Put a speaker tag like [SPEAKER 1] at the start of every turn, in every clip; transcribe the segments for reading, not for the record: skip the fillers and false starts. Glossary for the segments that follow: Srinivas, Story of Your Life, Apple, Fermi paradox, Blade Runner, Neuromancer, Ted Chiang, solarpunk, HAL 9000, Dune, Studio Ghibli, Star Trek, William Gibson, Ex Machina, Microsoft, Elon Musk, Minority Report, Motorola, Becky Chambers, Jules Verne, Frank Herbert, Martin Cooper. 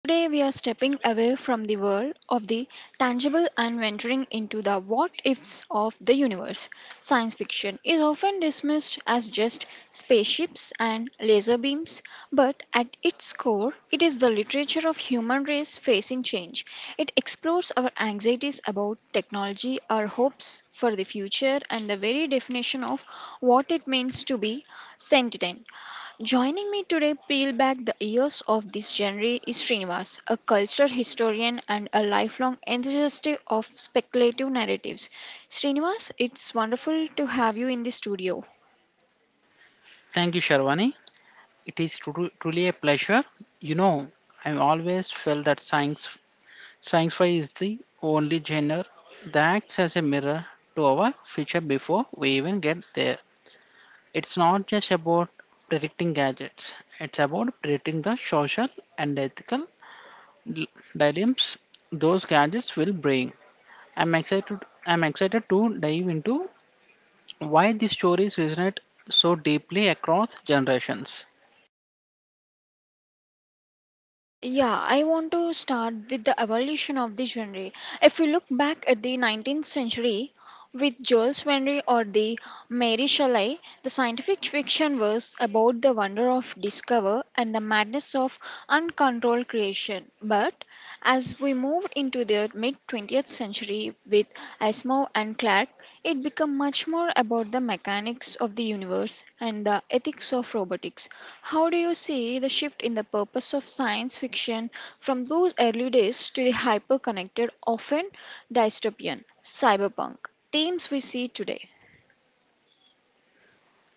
[SPEAKER 1] Today we are stepping away from the world of the tangible and venturing into the what ifs of the universe. Science fiction is often dismissed as just spaceships and laser beams, but at its core, it is the literature of human race facing change. It explores our anxieties about technology, our hopes for the future, and the very definition of what it means to be sentient. Joining me today, peel back the layers of this genre, is Srinivas, a cultural historian and a lifelong enthusiast of speculative narratives. Srinivas, it's wonderful to have you in the studio.
[SPEAKER 2] Thank you, Sharwani. It is truly a pleasure. You know, I've always felt that science sci-fi is the only genre that acts as a mirror to our future before we even get there. It's not just about predicting gadgets. It's about predicting the social and ethical dilemmas those gadgets will bring. I'm excited. I'm excited to dive into why these stories resonate so deeply across generations.
[SPEAKER 1] Yeah, I want to start with the evolution of the genre. If we look back at the 19th century with Jules Verne or the Mary Shelley, the scientific fiction was about the wonder of discover and the madness of uncontrolled creation. But as we moved into the mid 20th century with Asimov and Clarke, it became much more about the mechanics of the universe and the ethics of robotics. How do you see the shift in the purpose of science fiction from those early days to the hyper connected, often dystopian, cyberpunk themes we see today?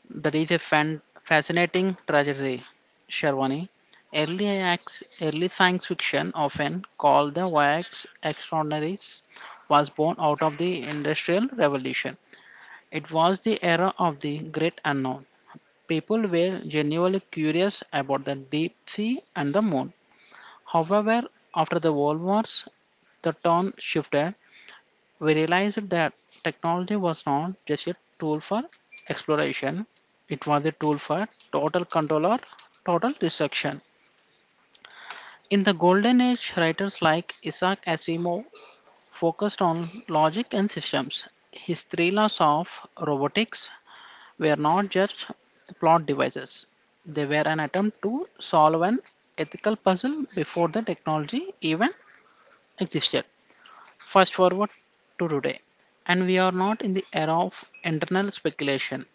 [SPEAKER 2] That is a fascinating tragedy, Sharwani. Early science fiction, often called the wax extraordinaries, was born out of the Industrial Revolution. It was the era of the great unknown. People were genuinely curious about the deep sea and the moon. However, after the World Wars, the tone shifted. We realized that technology was not just a tool for exploration, it was a tool for total control or total destruction. In the Golden Age, writers like Isaac Asimov focused on logic and systems. His thrillers of robotics were not just plot devices, they were an attempt to solve an ethical puzzle before the technology even existed. Fast forward to today, and we are not in the era of internal speculation.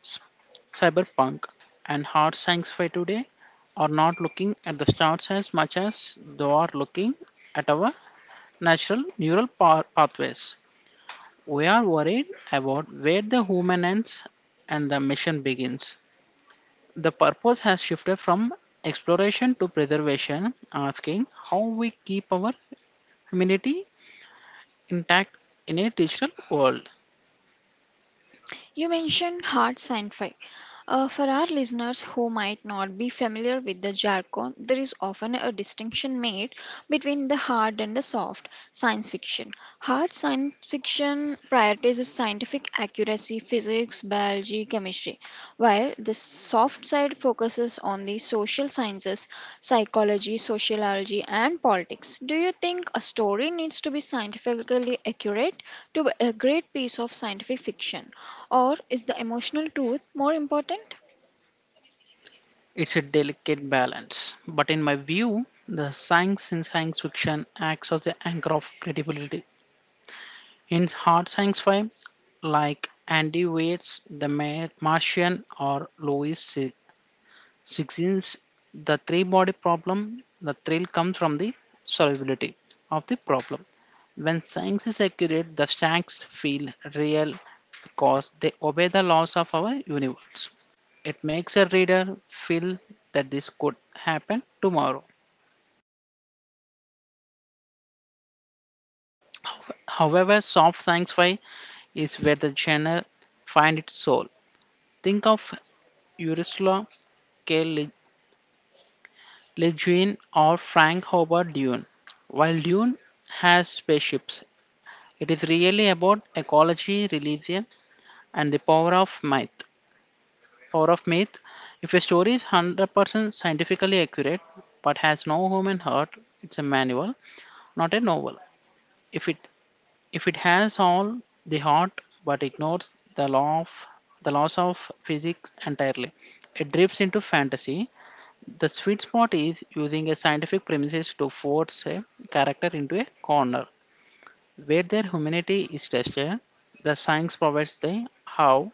[SPEAKER 2] S- Cyberpunk and hard science fi today are not looking at the stars as much as they are looking at our natural neural pathways. We are worried about where the human ends and the mission begins. The purpose has shifted from exploration to preservation, asking how we keep our humanity intact in a digital world.
[SPEAKER 1] You mentioned hard sci-fi. For our listeners who might not be familiar with the jargon, there is often a distinction made between the hard and the soft science fiction. Hard science fiction prioritizes scientific accuracy, physics, biology, chemistry, while the soft side focuses on the social sciences, psychology, sociology, and politics. Do you think a story needs to be scientifically accurate to be a great piece of scientific fiction? Or is the emotional truth more important?
[SPEAKER 2] It's a delicate balance, but in my view, the science in science fiction acts as the anchor of credibility. In hard science fi, like Andy Weir's The Martian or Lois since the three body problem, the thrill comes from the solvability of the problem. When science is accurate, the facts feel real because they obey the laws of our universe. It makes a reader feel that this could happen tomorrow. However, soft sci-fi is where the genre finds its soul. Think of Ursula K. Le Guin or Frank Herbert Dune. While Dune has spaceships, it is really about ecology, religion, and the power of myth. Power of myth. If a story is 100% scientifically accurate but has no human heart, it's a manual, not a novel. If it if it has all the heart but ignores the law of the laws of physics entirely, it drifts into fantasy. The sweet spot is using a scientific premises to force a character into a corner where their humanity is tested. The science provides the how,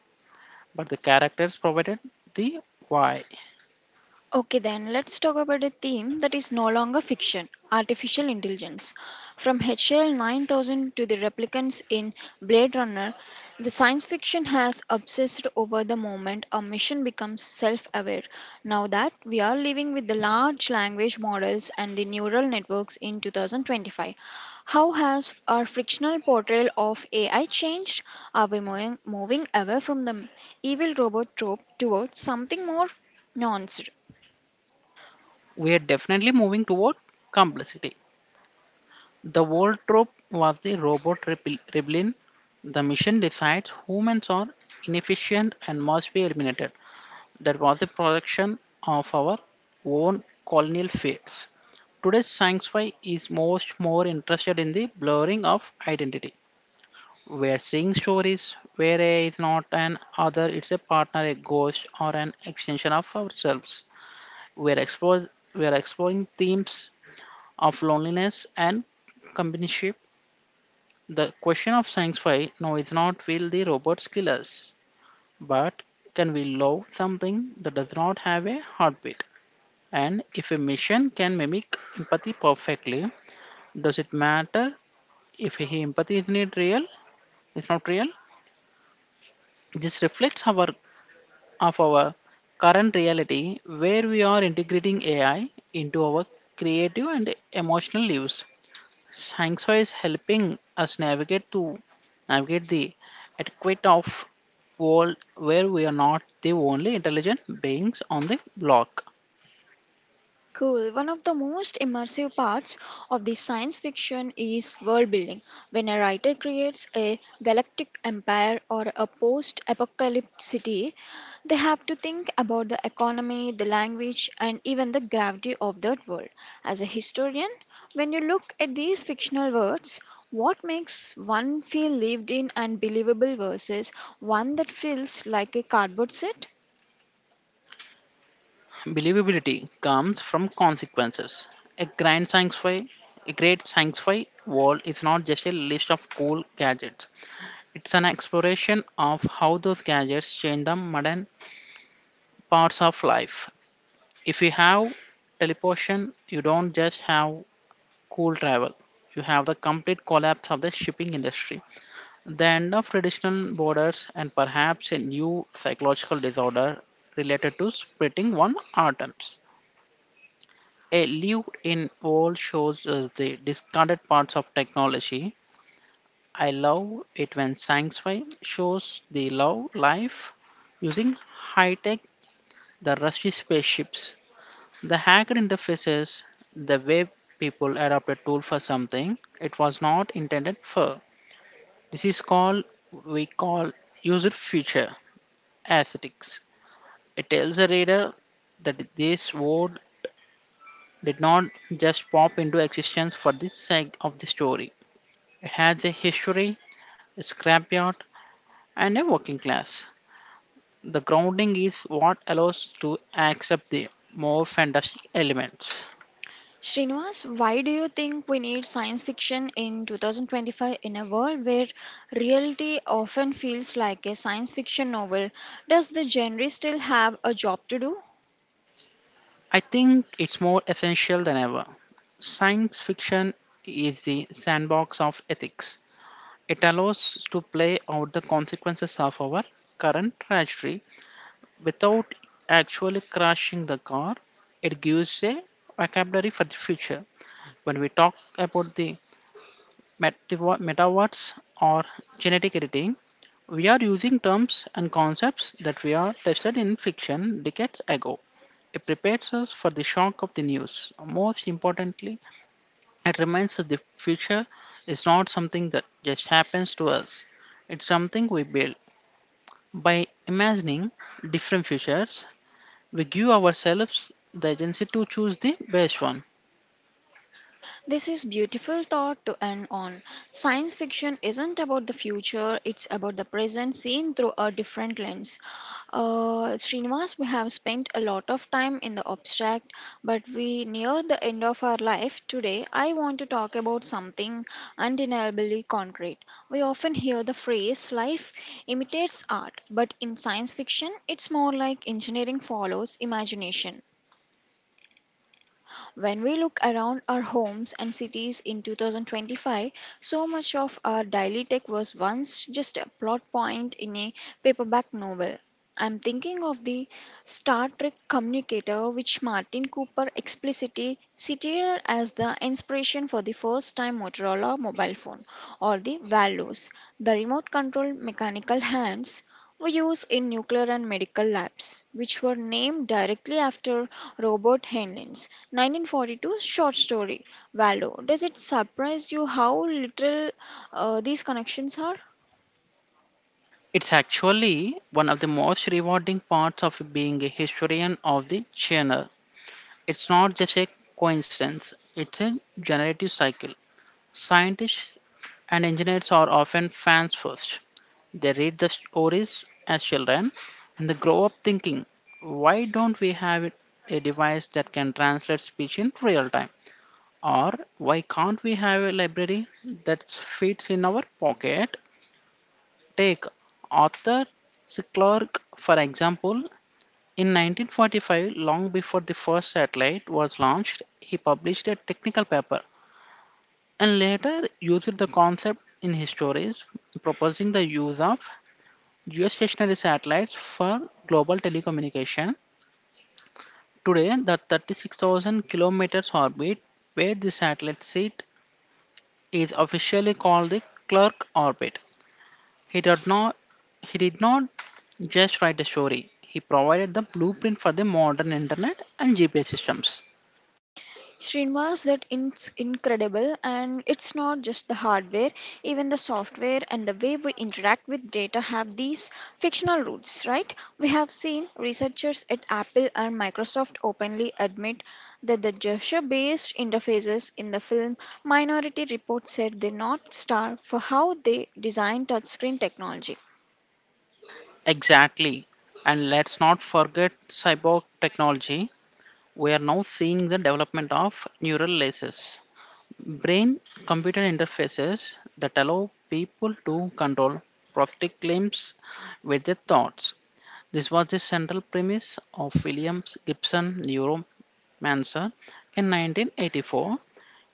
[SPEAKER 2] but the characters provided the why.
[SPEAKER 1] Okay, then let's talk about a theme that is no longer fiction artificial intelligence. From HL 9000 to the replicants in Blade Runner, the science fiction has obsessed over the moment a mission becomes self aware. Now that we are living with the large language models and the neural networks in 2025, how has our frictional portrayal of AI changed? Are we moving away from the evil robot trope towards something more? Nuanced?
[SPEAKER 2] We are definitely moving toward complexity. The world trope was the robot rebellion. The mission decides humans are inefficient and must be eliminated. That was a production of our own colonial fates. Today's sci-fi is most more interested in the blurring of identity. We're seeing stories where A is not an other, it's a partner, a ghost, or an extension of ourselves. We're, explore, we're exploring themes of loneliness and companionship. The question of sci-fi now is not will the robots kill us, but can we love something that does not have a heartbeat? And if a machine can mimic empathy perfectly, does it matter if he empathy is not real? It's not real. This reflects our current reality where we are integrating AI into our creative and emotional lives. Science is helping us navigate the adequate of world where we are not the only intelligent beings on the block.
[SPEAKER 1] Cool. One of the most immersive parts of the science fiction is world building. When a writer creates a galactic empire or a post apocalyptic city, they have to think about the economy, the language, and even the gravity of that world. As a historian, when you look at these fictional worlds, what makes one feel lived in and believable versus one that feels like a cardboard set?
[SPEAKER 2] Believability comes from consequences. A grand sci-fi, a great sci-fi world is not just a list of cool gadgets. It's an exploration of how those gadgets change the modern parts of life. If you have teleportation, you don't just have cool travel. You have the complete collapse of the shipping industry, the end of traditional borders, and perhaps a new psychological disorder related to splitting one atoms. A live in all shows us the discarded parts of technology. I love it when science fi shows the love life using high tech, the rusty spaceships, the hacked interfaces, the way people adopt a tool for something it was not intended for. This is called we call user feature aesthetics. It tells the reader that this word did not just pop into existence for the sake of the story. It has a history, a scrapyard, and a working class. The grounding is what allows to accept the more fantastic elements.
[SPEAKER 1] Srinivas, why do you think we need science fiction in 2025 in a world where reality often feels like a science fiction novel? Does the genre still have a job to do?
[SPEAKER 2] I think it's more essential than ever. Science fiction is the sandbox of ethics. It allows us to play out the consequences of our current tragedy without actually crashing the car. It gives a vocabulary for the future. When we talk about the metawatts, or genetic editing, we are using terms and concepts that we are tested in fiction decades ago. It prepares us for the shock of the news. Most importantly, it reminds us the future is not something that just happens to us. It's something we build. By imagining different futures, we give ourselves the agency to choose the best one.
[SPEAKER 1] This is beautiful thought to end on. Science fiction isn't about the future, it's about the present seen through a different lens. Srinivas, we have spent a lot of time in the abstract, but we near the end of our life today. I want to talk about something undeniably concrete. We often hear the phrase life imitates art, but in science fiction, it's more like engineering follows imagination. When we look around our homes and cities in 2025, so much of our daily tech was once just a plot point in a paperback novel. I'm thinking of the Star Trek communicator, which Martin Cooper explicitly cited as the inspiration for the first time Motorola mobile phone, or the Valos, the remote control mechanical hands were used in nuclear and medical labs, which were named directly after Robert Heinlein's 1942 short story, Waldo. Does it surprise you how little these connections are?
[SPEAKER 2] It's actually one of the most rewarding parts of being a historian of the genre. It's not just a coincidence, it's a generative cycle. Scientists and engineers are often fans first. They read the stories as children and they grow up thinking, why don't a device that can translate speech in real time? Or why can't we have a library that fits in our pocket? Take Arthur C. Clarke, for example, in 1945, long before the first satellite was launched, he published a technical paper and later used the concept in his stories, proposing the use of geostationary satellites for global telecommunication. Today, the 36,000 kilometers orbit where the satellite sit is officially called the Clerk orbit. He did not he did not just write a story. He provided the blueprint for the modern internet and GPS systems.
[SPEAKER 1] Srinivas, that it's incredible, and it's not just the hardware, even the software and the way we interact with data have these fictional roots, right? We have seen researchers at Apple and Microsoft openly admit that the gesture based interfaces in the film Minority Report set the North Star for how they design touchscreen technology.
[SPEAKER 2] Exactly. And let's not forget cyborg technology. We are now seeing the development of neural laces, brain computer interfaces that allow people to control prosthetic limbs with their thoughts. This was the central premise of William Gibson Neuromancer in 1984.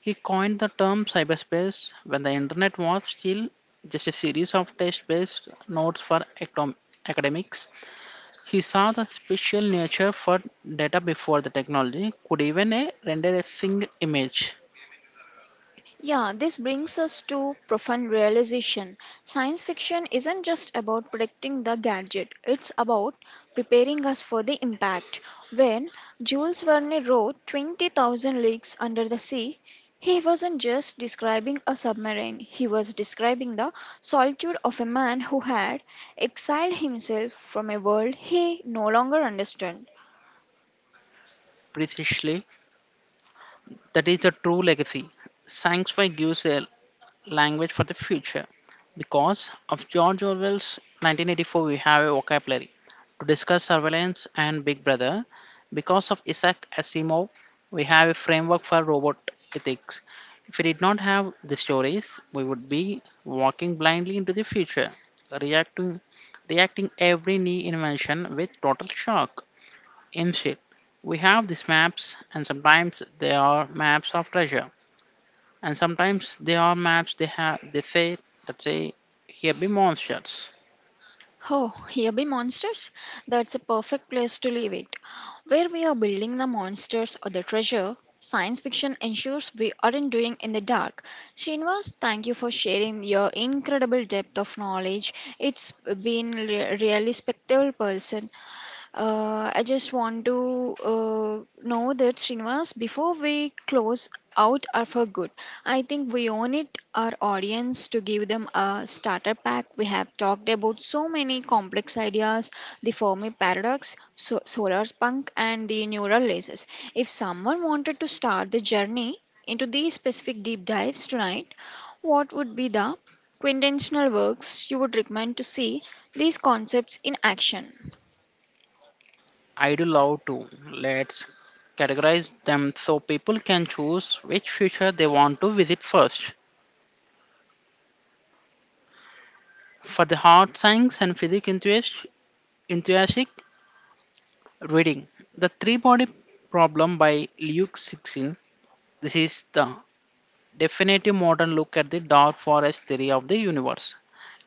[SPEAKER 2] He coined the term cyberspace when the internet was still just a series of text based nodes for academics. He saw the spatial nature for data before the technology could even render a single image
[SPEAKER 1] Yeah, this brings us to profound realization. Science fiction isn't just about predicting the gadget, it's about preparing us for the impact. When Jules Verne wrote 20,000 Leagues Under the Sea, he wasn't just describing a submarine, he was describing the solitude of a man who had exiled himself from a world he no longer understood.
[SPEAKER 2] precisely. That is the true legacy. Science fi gives a language for the future. Because of George Orwell's 1984, we have a vocabulary to discuss surveillance and Big Brother. Because of Isaac Asimov, we have a framework for robot ethics. If we did not have the stories, we would be walking blindly into the future, reacting, reacting every new invention with total shock. Instead, we have these maps, and sometimes they are maps of treasure, and sometimes they are maps they have they say that say here be monsters.
[SPEAKER 1] Oh, here be Monsters? That's a perfect place to leave it. Where we are building the monsters or the treasure, science fiction ensures we aren't doing in the dark. Srinivas, thank you for sharing your incredible depth of knowledge. It's been really spectacular person. I just want to know that Srinivas, before we close out are for good, I think we own it our audience to give them a starter pack. We have talked about so many complex ideas, the Fermi paradox, solar punk, and the neural lasers. If someone wanted to start the journey into these specific deep dives tonight, what would be the quintessential works you would recommend to see these concepts in action?
[SPEAKER 2] I do love to. Let's categorize them so people can choose which future they want to visit first. For the hard science and physics enthusiastic reading, the three body problem by Luke 16. This is the definitive modern look at the dark forest theory of the universe.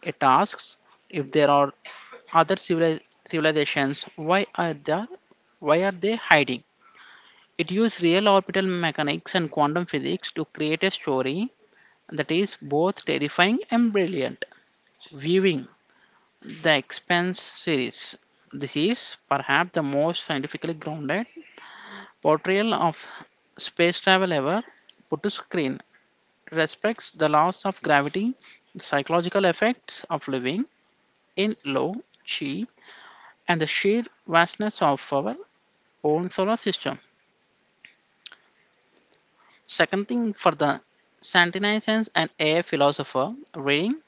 [SPEAKER 2] It asks if there are other civilizations, why are they hiding? It uses real orbital mechanics and quantum physics to create a story that is both terrifying and brilliant. Viewing the Expanse series, this is perhaps the most scientifically grounded portrayal of space travel ever put to screen. It respects the laws of gravity, the psychological effects of living in low chi and the sheer vastness of our own solar system. Second thing for the Santinizens and AI philosopher reading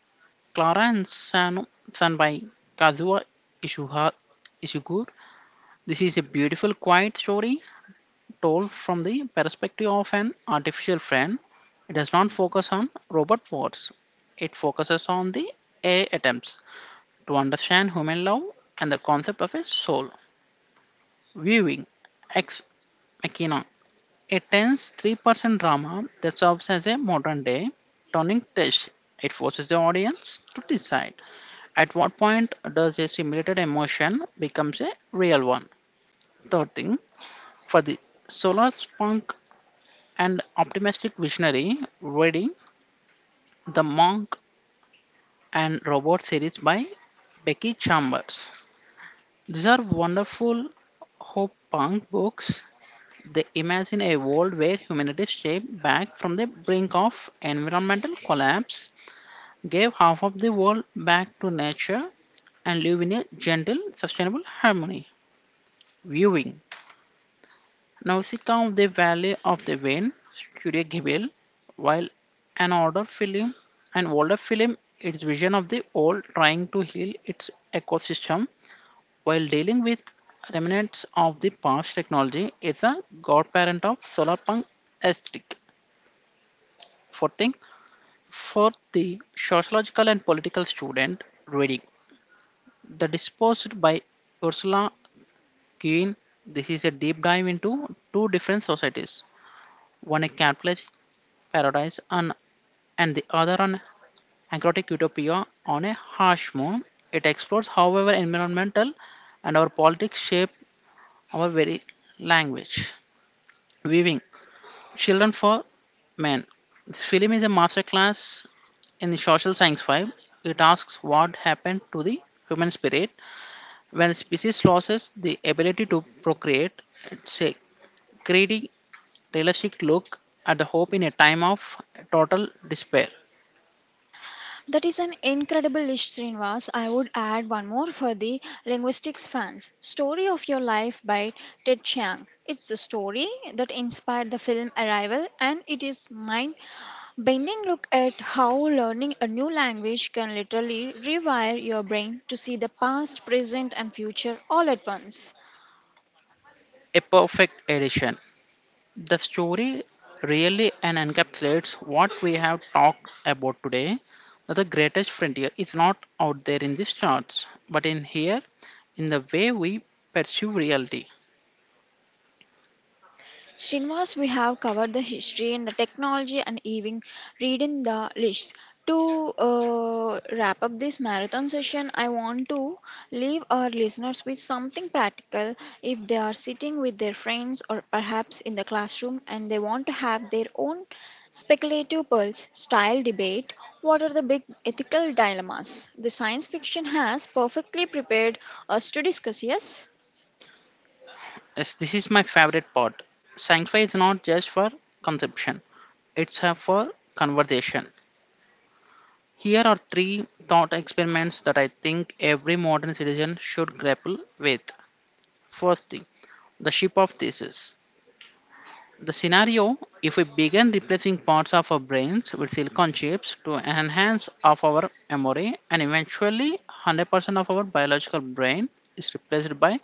[SPEAKER 2] Clara and San, San by Kazuo Ishiha- Ishiguro. This is a beautiful, quiet story told from the perspective of an artificial friend. It does not focus on robot wars. It focuses on the AI attempts to understand human love and the concept of a soul. Viewing Ex Machina, a tense 3% drama that serves as a modern day turning test. It forces the audience to decide at what point does a simulated emotion becomes a real one. Third thing, for the solar punk and optimistic visionary, reading The Monk and Robot series by Becky Chambers. These are wonderful hope punk books. They imagine a world where humanity is shaped back from the brink of environmental collapse, gave half of the world back to nature and live in a gentle, sustainable harmony. Viewing, now, Nausicaa of the Valley of the Wind, Studio Ghibli, while an older film, an older film, its vision of the old trying to heal its ecosystem while dealing with remnants of the past technology is a godparent of solar punk aesthetic. Fourth thing, for the sociological and political student reading, The Disposed by Ursula Guin. This is a deep dive into two different societies, one a capitalist paradise, and the other an anchrotic utopia on a harsh moon. It explores how our environmental and our politics shape our very language. Weaving Children for Men. This film is a masterclass in social science 5. It asks what happened to the human spirit when species loses the ability to procreate. It's a greedy, realistic look at the hope in a time of total despair.
[SPEAKER 1] That is an incredible list, Srinivas. I would add one more for the linguistics fans. Story of Your Life by Ted Chiang. It's the story that inspired the film Arrival, and it is mind bending look at how learning a new language can literally rewire your brain to see the past, present, and future all at once.
[SPEAKER 2] A perfect addition. The story really and encapsulates what we have talked about today. That the greatest frontier is not out there in these charts, but in here, in the way we perceive reality.
[SPEAKER 1] Srinivas, we have covered the history and the technology and even reading the lists. To wrap up this marathon session, I want to leave our listeners with something practical if they are sitting with their friends or perhaps in the classroom and they want to have their own speculative pulse style debate. What are the big ethical dilemmas? The science fiction has perfectly prepared us to discuss, yes?
[SPEAKER 2] Yes, this is my favorite part. Sci-fi is not just for consumption; it's a for conversation. Here are three thought experiments that I think every modern citizen should grapple with. First thing, the ship of thesis. The scenario: if we begin replacing parts of our brains with silicon chips to enhance of our memory, and eventually 100% of our biological brain is replaced by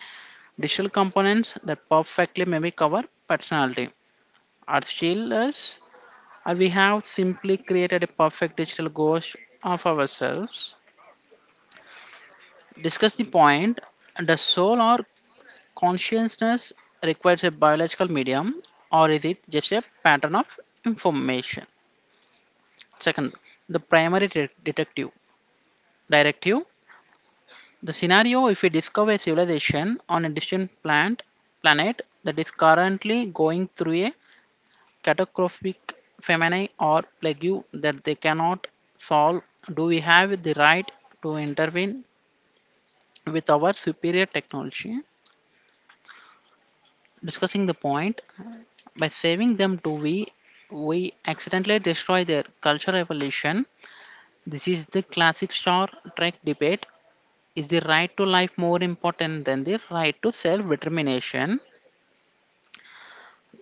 [SPEAKER 2] digital components that perfectly mimic our personality. Our shield, or we have simply created a perfect digital ghost of ourselves. Discuss the point: does soul or consciousness requires a biological medium, or is it just a pattern of information? Second, the primary detective directive. The scenario: if we discover a civilization on a distant plant planet that is currently going through a catastrophic famine or plague that they cannot solve, do we have the right to intervene with our superior technology? Discussing the point: by saving them too, we accidentally destroy their cultural evolution. This is the classic Star Trek debate. Is the right to life more important than the right to self determination?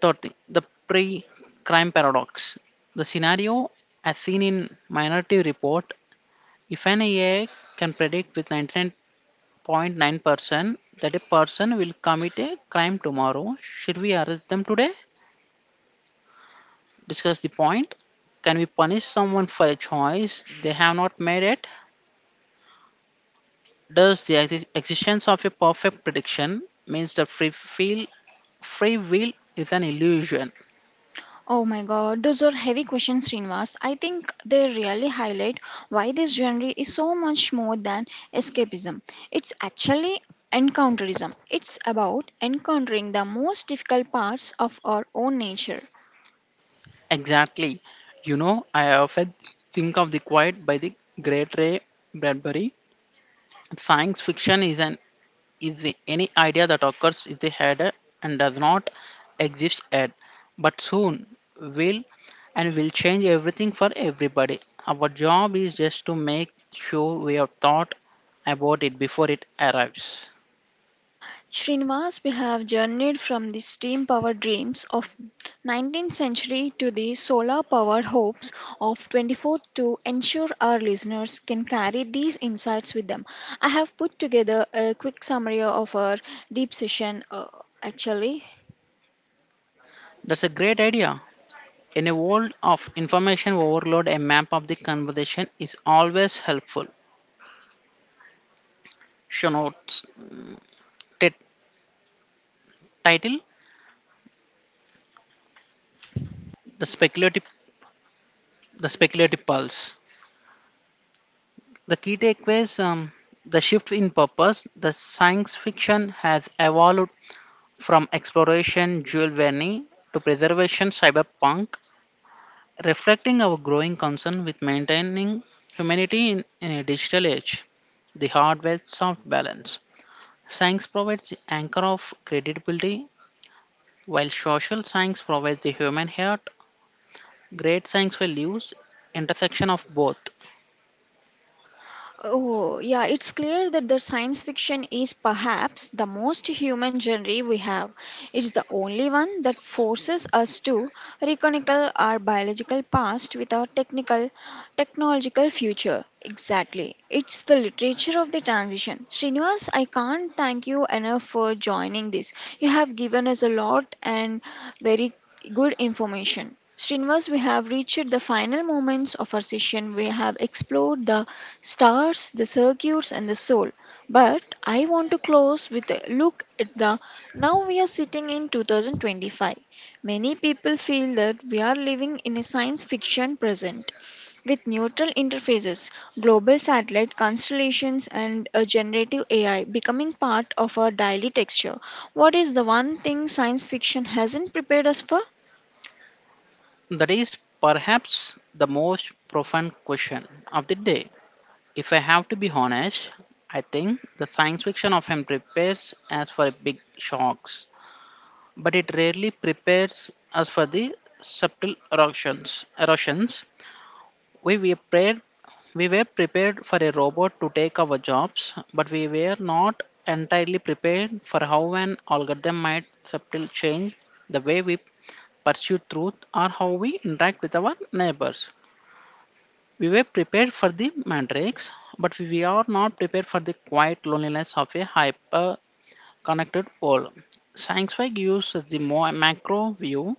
[SPEAKER 2] Third thing, the pre crime paradox. The scenario, as seen in Minority Report: if an AI can predict with 99.9% that a person will commit a crime tomorrow, should we arrest them today? Discuss the point. Can we punish someone for a choice they have not made it? Does the existence of a perfect prediction means that free will is an illusion?
[SPEAKER 1] Oh my god, those are heavy questions, Srinivas. I think they really highlight why this genre is so much more than escapism. It's actually encounterism. It's about encountering the most difficult parts of our own nature.
[SPEAKER 2] Exactly. You know, I often think of the quiet by the great Ray Bradbury. Science fiction is any idea that occurs in the head and does not exist yet, but soon will and will change everything for everybody. Our job is just to make sure we have thought about it before it arrives.
[SPEAKER 1] Srinivas, we have journeyed from the steam powered dreams of 19th century to the solar powered hopes of 24th to ensure our listeners can carry these insights with them. I have put together a quick summary of our deep session actually.
[SPEAKER 2] That's a great idea. In a world of information overload, a map of the conversation is always helpful. Show notes. T- Title: The speculative, the speculative pulse. The key takeaways the shift in purpose. The science fiction has evolved from exploration, Jules Verne, to preservation, cyberpunk, reflecting our growing concern with maintaining humanity in a digital age. The hardware soft balance. Science provides the anchor of credibility, while social science provides the human heart. Great science will use intersection of both.
[SPEAKER 1] Oh, yeah, it's clear that the science fiction is perhaps the most human genre we have. It's the only one that forces us to reconnect our biological past with our technical technological future. Exactly. It's the literature of the transition. Srinivas, I can't thank you enough for joining this. You have given us a lot and very good information. Srinivas, we have reached the final moments of our session. We have explored the stars, the circuits, and the soul. But I want to close with a look at the now we are sitting in 2025. Many people feel that we are living in a science fiction present with neutral interfaces, global satellite constellations, and a generative AI becoming part of our daily texture. What is the one thing science fiction hasn't prepared us for?
[SPEAKER 2] That is perhaps the most profound question of the day. If I have to be honest, I think the science fiction often prepares us for big shocks, but it rarely prepares us for the subtle erosions. Erosions. We were prepared, we were prepared for a robot to take our jobs, but we were not entirely prepared for how an algorithm might subtly change the way we pursue truth or how we interact with our neighbors. We were prepared for the mandrakes, but we are not prepared for the quiet loneliness of a hyper connected world. Science fi gives us the more macro view,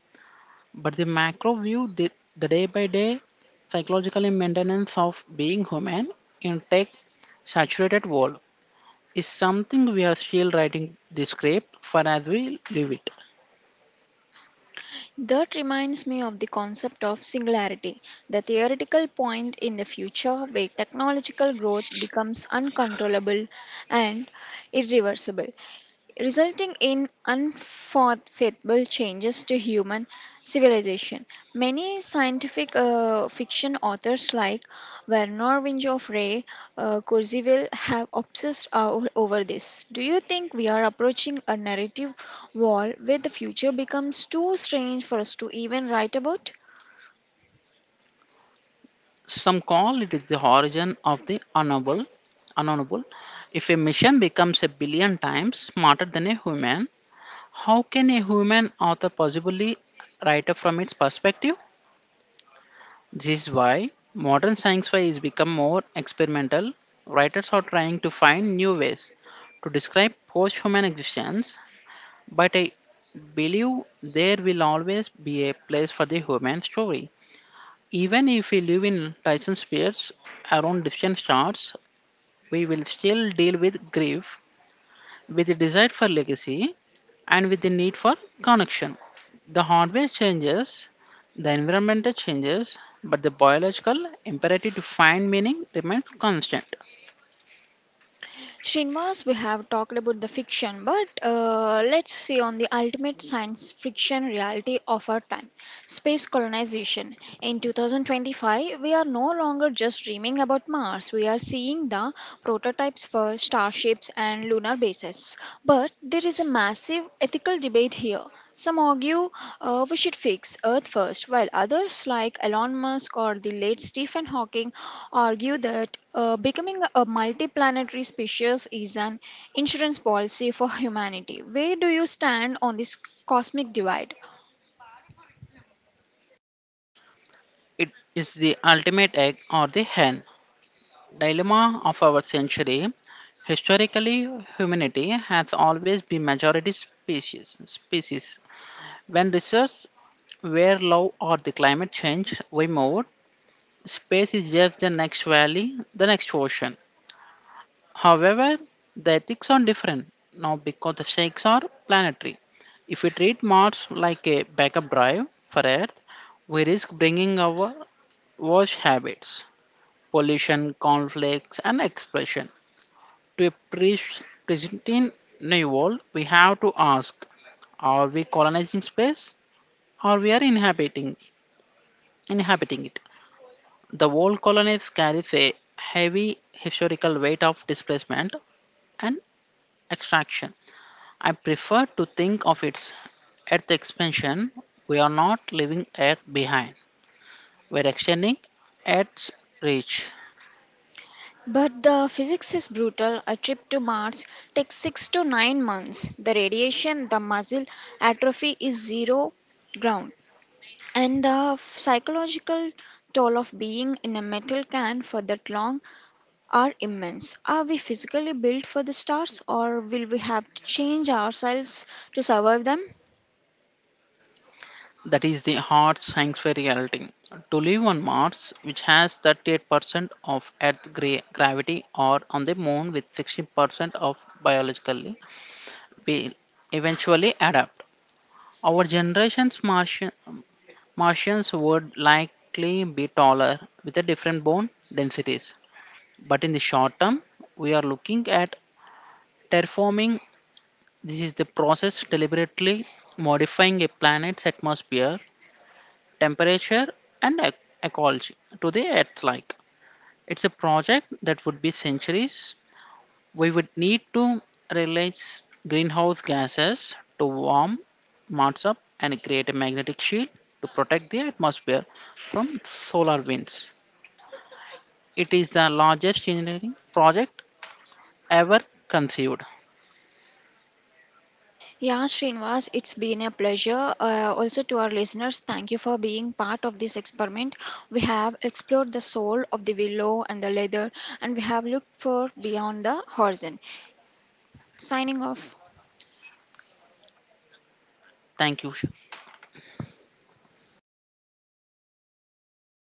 [SPEAKER 2] but the macro view, the day by day psychological maintenance of being human in tech saturated world, is something we are still writing the script for as we live it.
[SPEAKER 1] That reminds me of the concept of singularity, the theoretical point in the future where technological growth becomes uncontrollable and irreversible resulting in unforthfetable changes to human civilization. Many scientific fiction authors like Werner of Ray Kurzweil have obsessed over this. Do you think we are approaching a narrative wall where the future becomes too strange for us to even write about?
[SPEAKER 2] Some call it is the origin of the unknowable. Unknowable. If a machine becomes a billion times smarter than a human, how can a human author possibly write up from its perspective? This is why modern science fi is become more experimental. Writers are trying to find new ways to describe post-human existence, but I believe there will always be a place for the human story. Even if we live in Tyson spheres around distant stars, we will still deal with grief, with the desire for legacy, and with the need for connection. The hardware changes, the environmental changes, but the biological imperative to find meaning remains constant.
[SPEAKER 1] Srinivas, we have talked about the fiction, but let's see on the ultimate science fiction reality of our time. Space colonization. In 2025, we are no longer just dreaming about Mars, we are seeing the prototypes for starships and lunar bases. But there is a massive ethical debate here. Some argue we should fix Earth first, while others, like Elon Musk or the late Stephen Hawking, argue that becoming a multiplanetary species is an insurance policy for humanity. Where do you stand on this cosmic divide?
[SPEAKER 2] It is the ultimate egg or the hen dilemma of our century. Historically, humanity has always been majority species. Species. When research where love or the climate change, we moved. Space is just the next valley, the next ocean. However, the ethics are different now because the stakes are planetary. If we treat Mars like a backup drive for Earth, we risk bringing our worst habits, pollution, conflicts, and explosion, to a pre- pristine new world. We have to ask: are we colonizing space, or we are inhabiting it? The old colonies carries a heavy historical weight of displacement and extraction. I prefer to think of its Earth expansion. We are not leaving Earth behind. We're extending Earth's reach.
[SPEAKER 1] But the physics is brutal. A trip to Mars takes 6 to 9 months. The radiation, the muscle atrophy is zero ground. And the psychological toll of being in a metal can for that long are immense. Are we physically built for the stars or will we have to change ourselves to survive them?
[SPEAKER 2] That is the hard science fair reality. To live on Mars, which has 38% of Earth gravity, or on the Moon with 60% of biologically, we eventually adapt. Our generation's Martians would likely be taller with a different bone densities. But in the short term, we are looking at terraforming. This is the process deliberately modifying a planet's atmosphere, temperature, and ecology to the Earth like. It's a project that would be centuries. We would need to release greenhouse gases to warm Mars up and create a magnetic shield to protect the atmosphere from solar winds. It is the largest engineering project ever conceived.
[SPEAKER 1] Yeah, Srinivas, it's been a pleasure. Also, to our listeners, thank you for being part of this experiment. We have explored the soul of the willow and the leather, and we have looked for beyond the horizon. Signing off.
[SPEAKER 2] Thank you.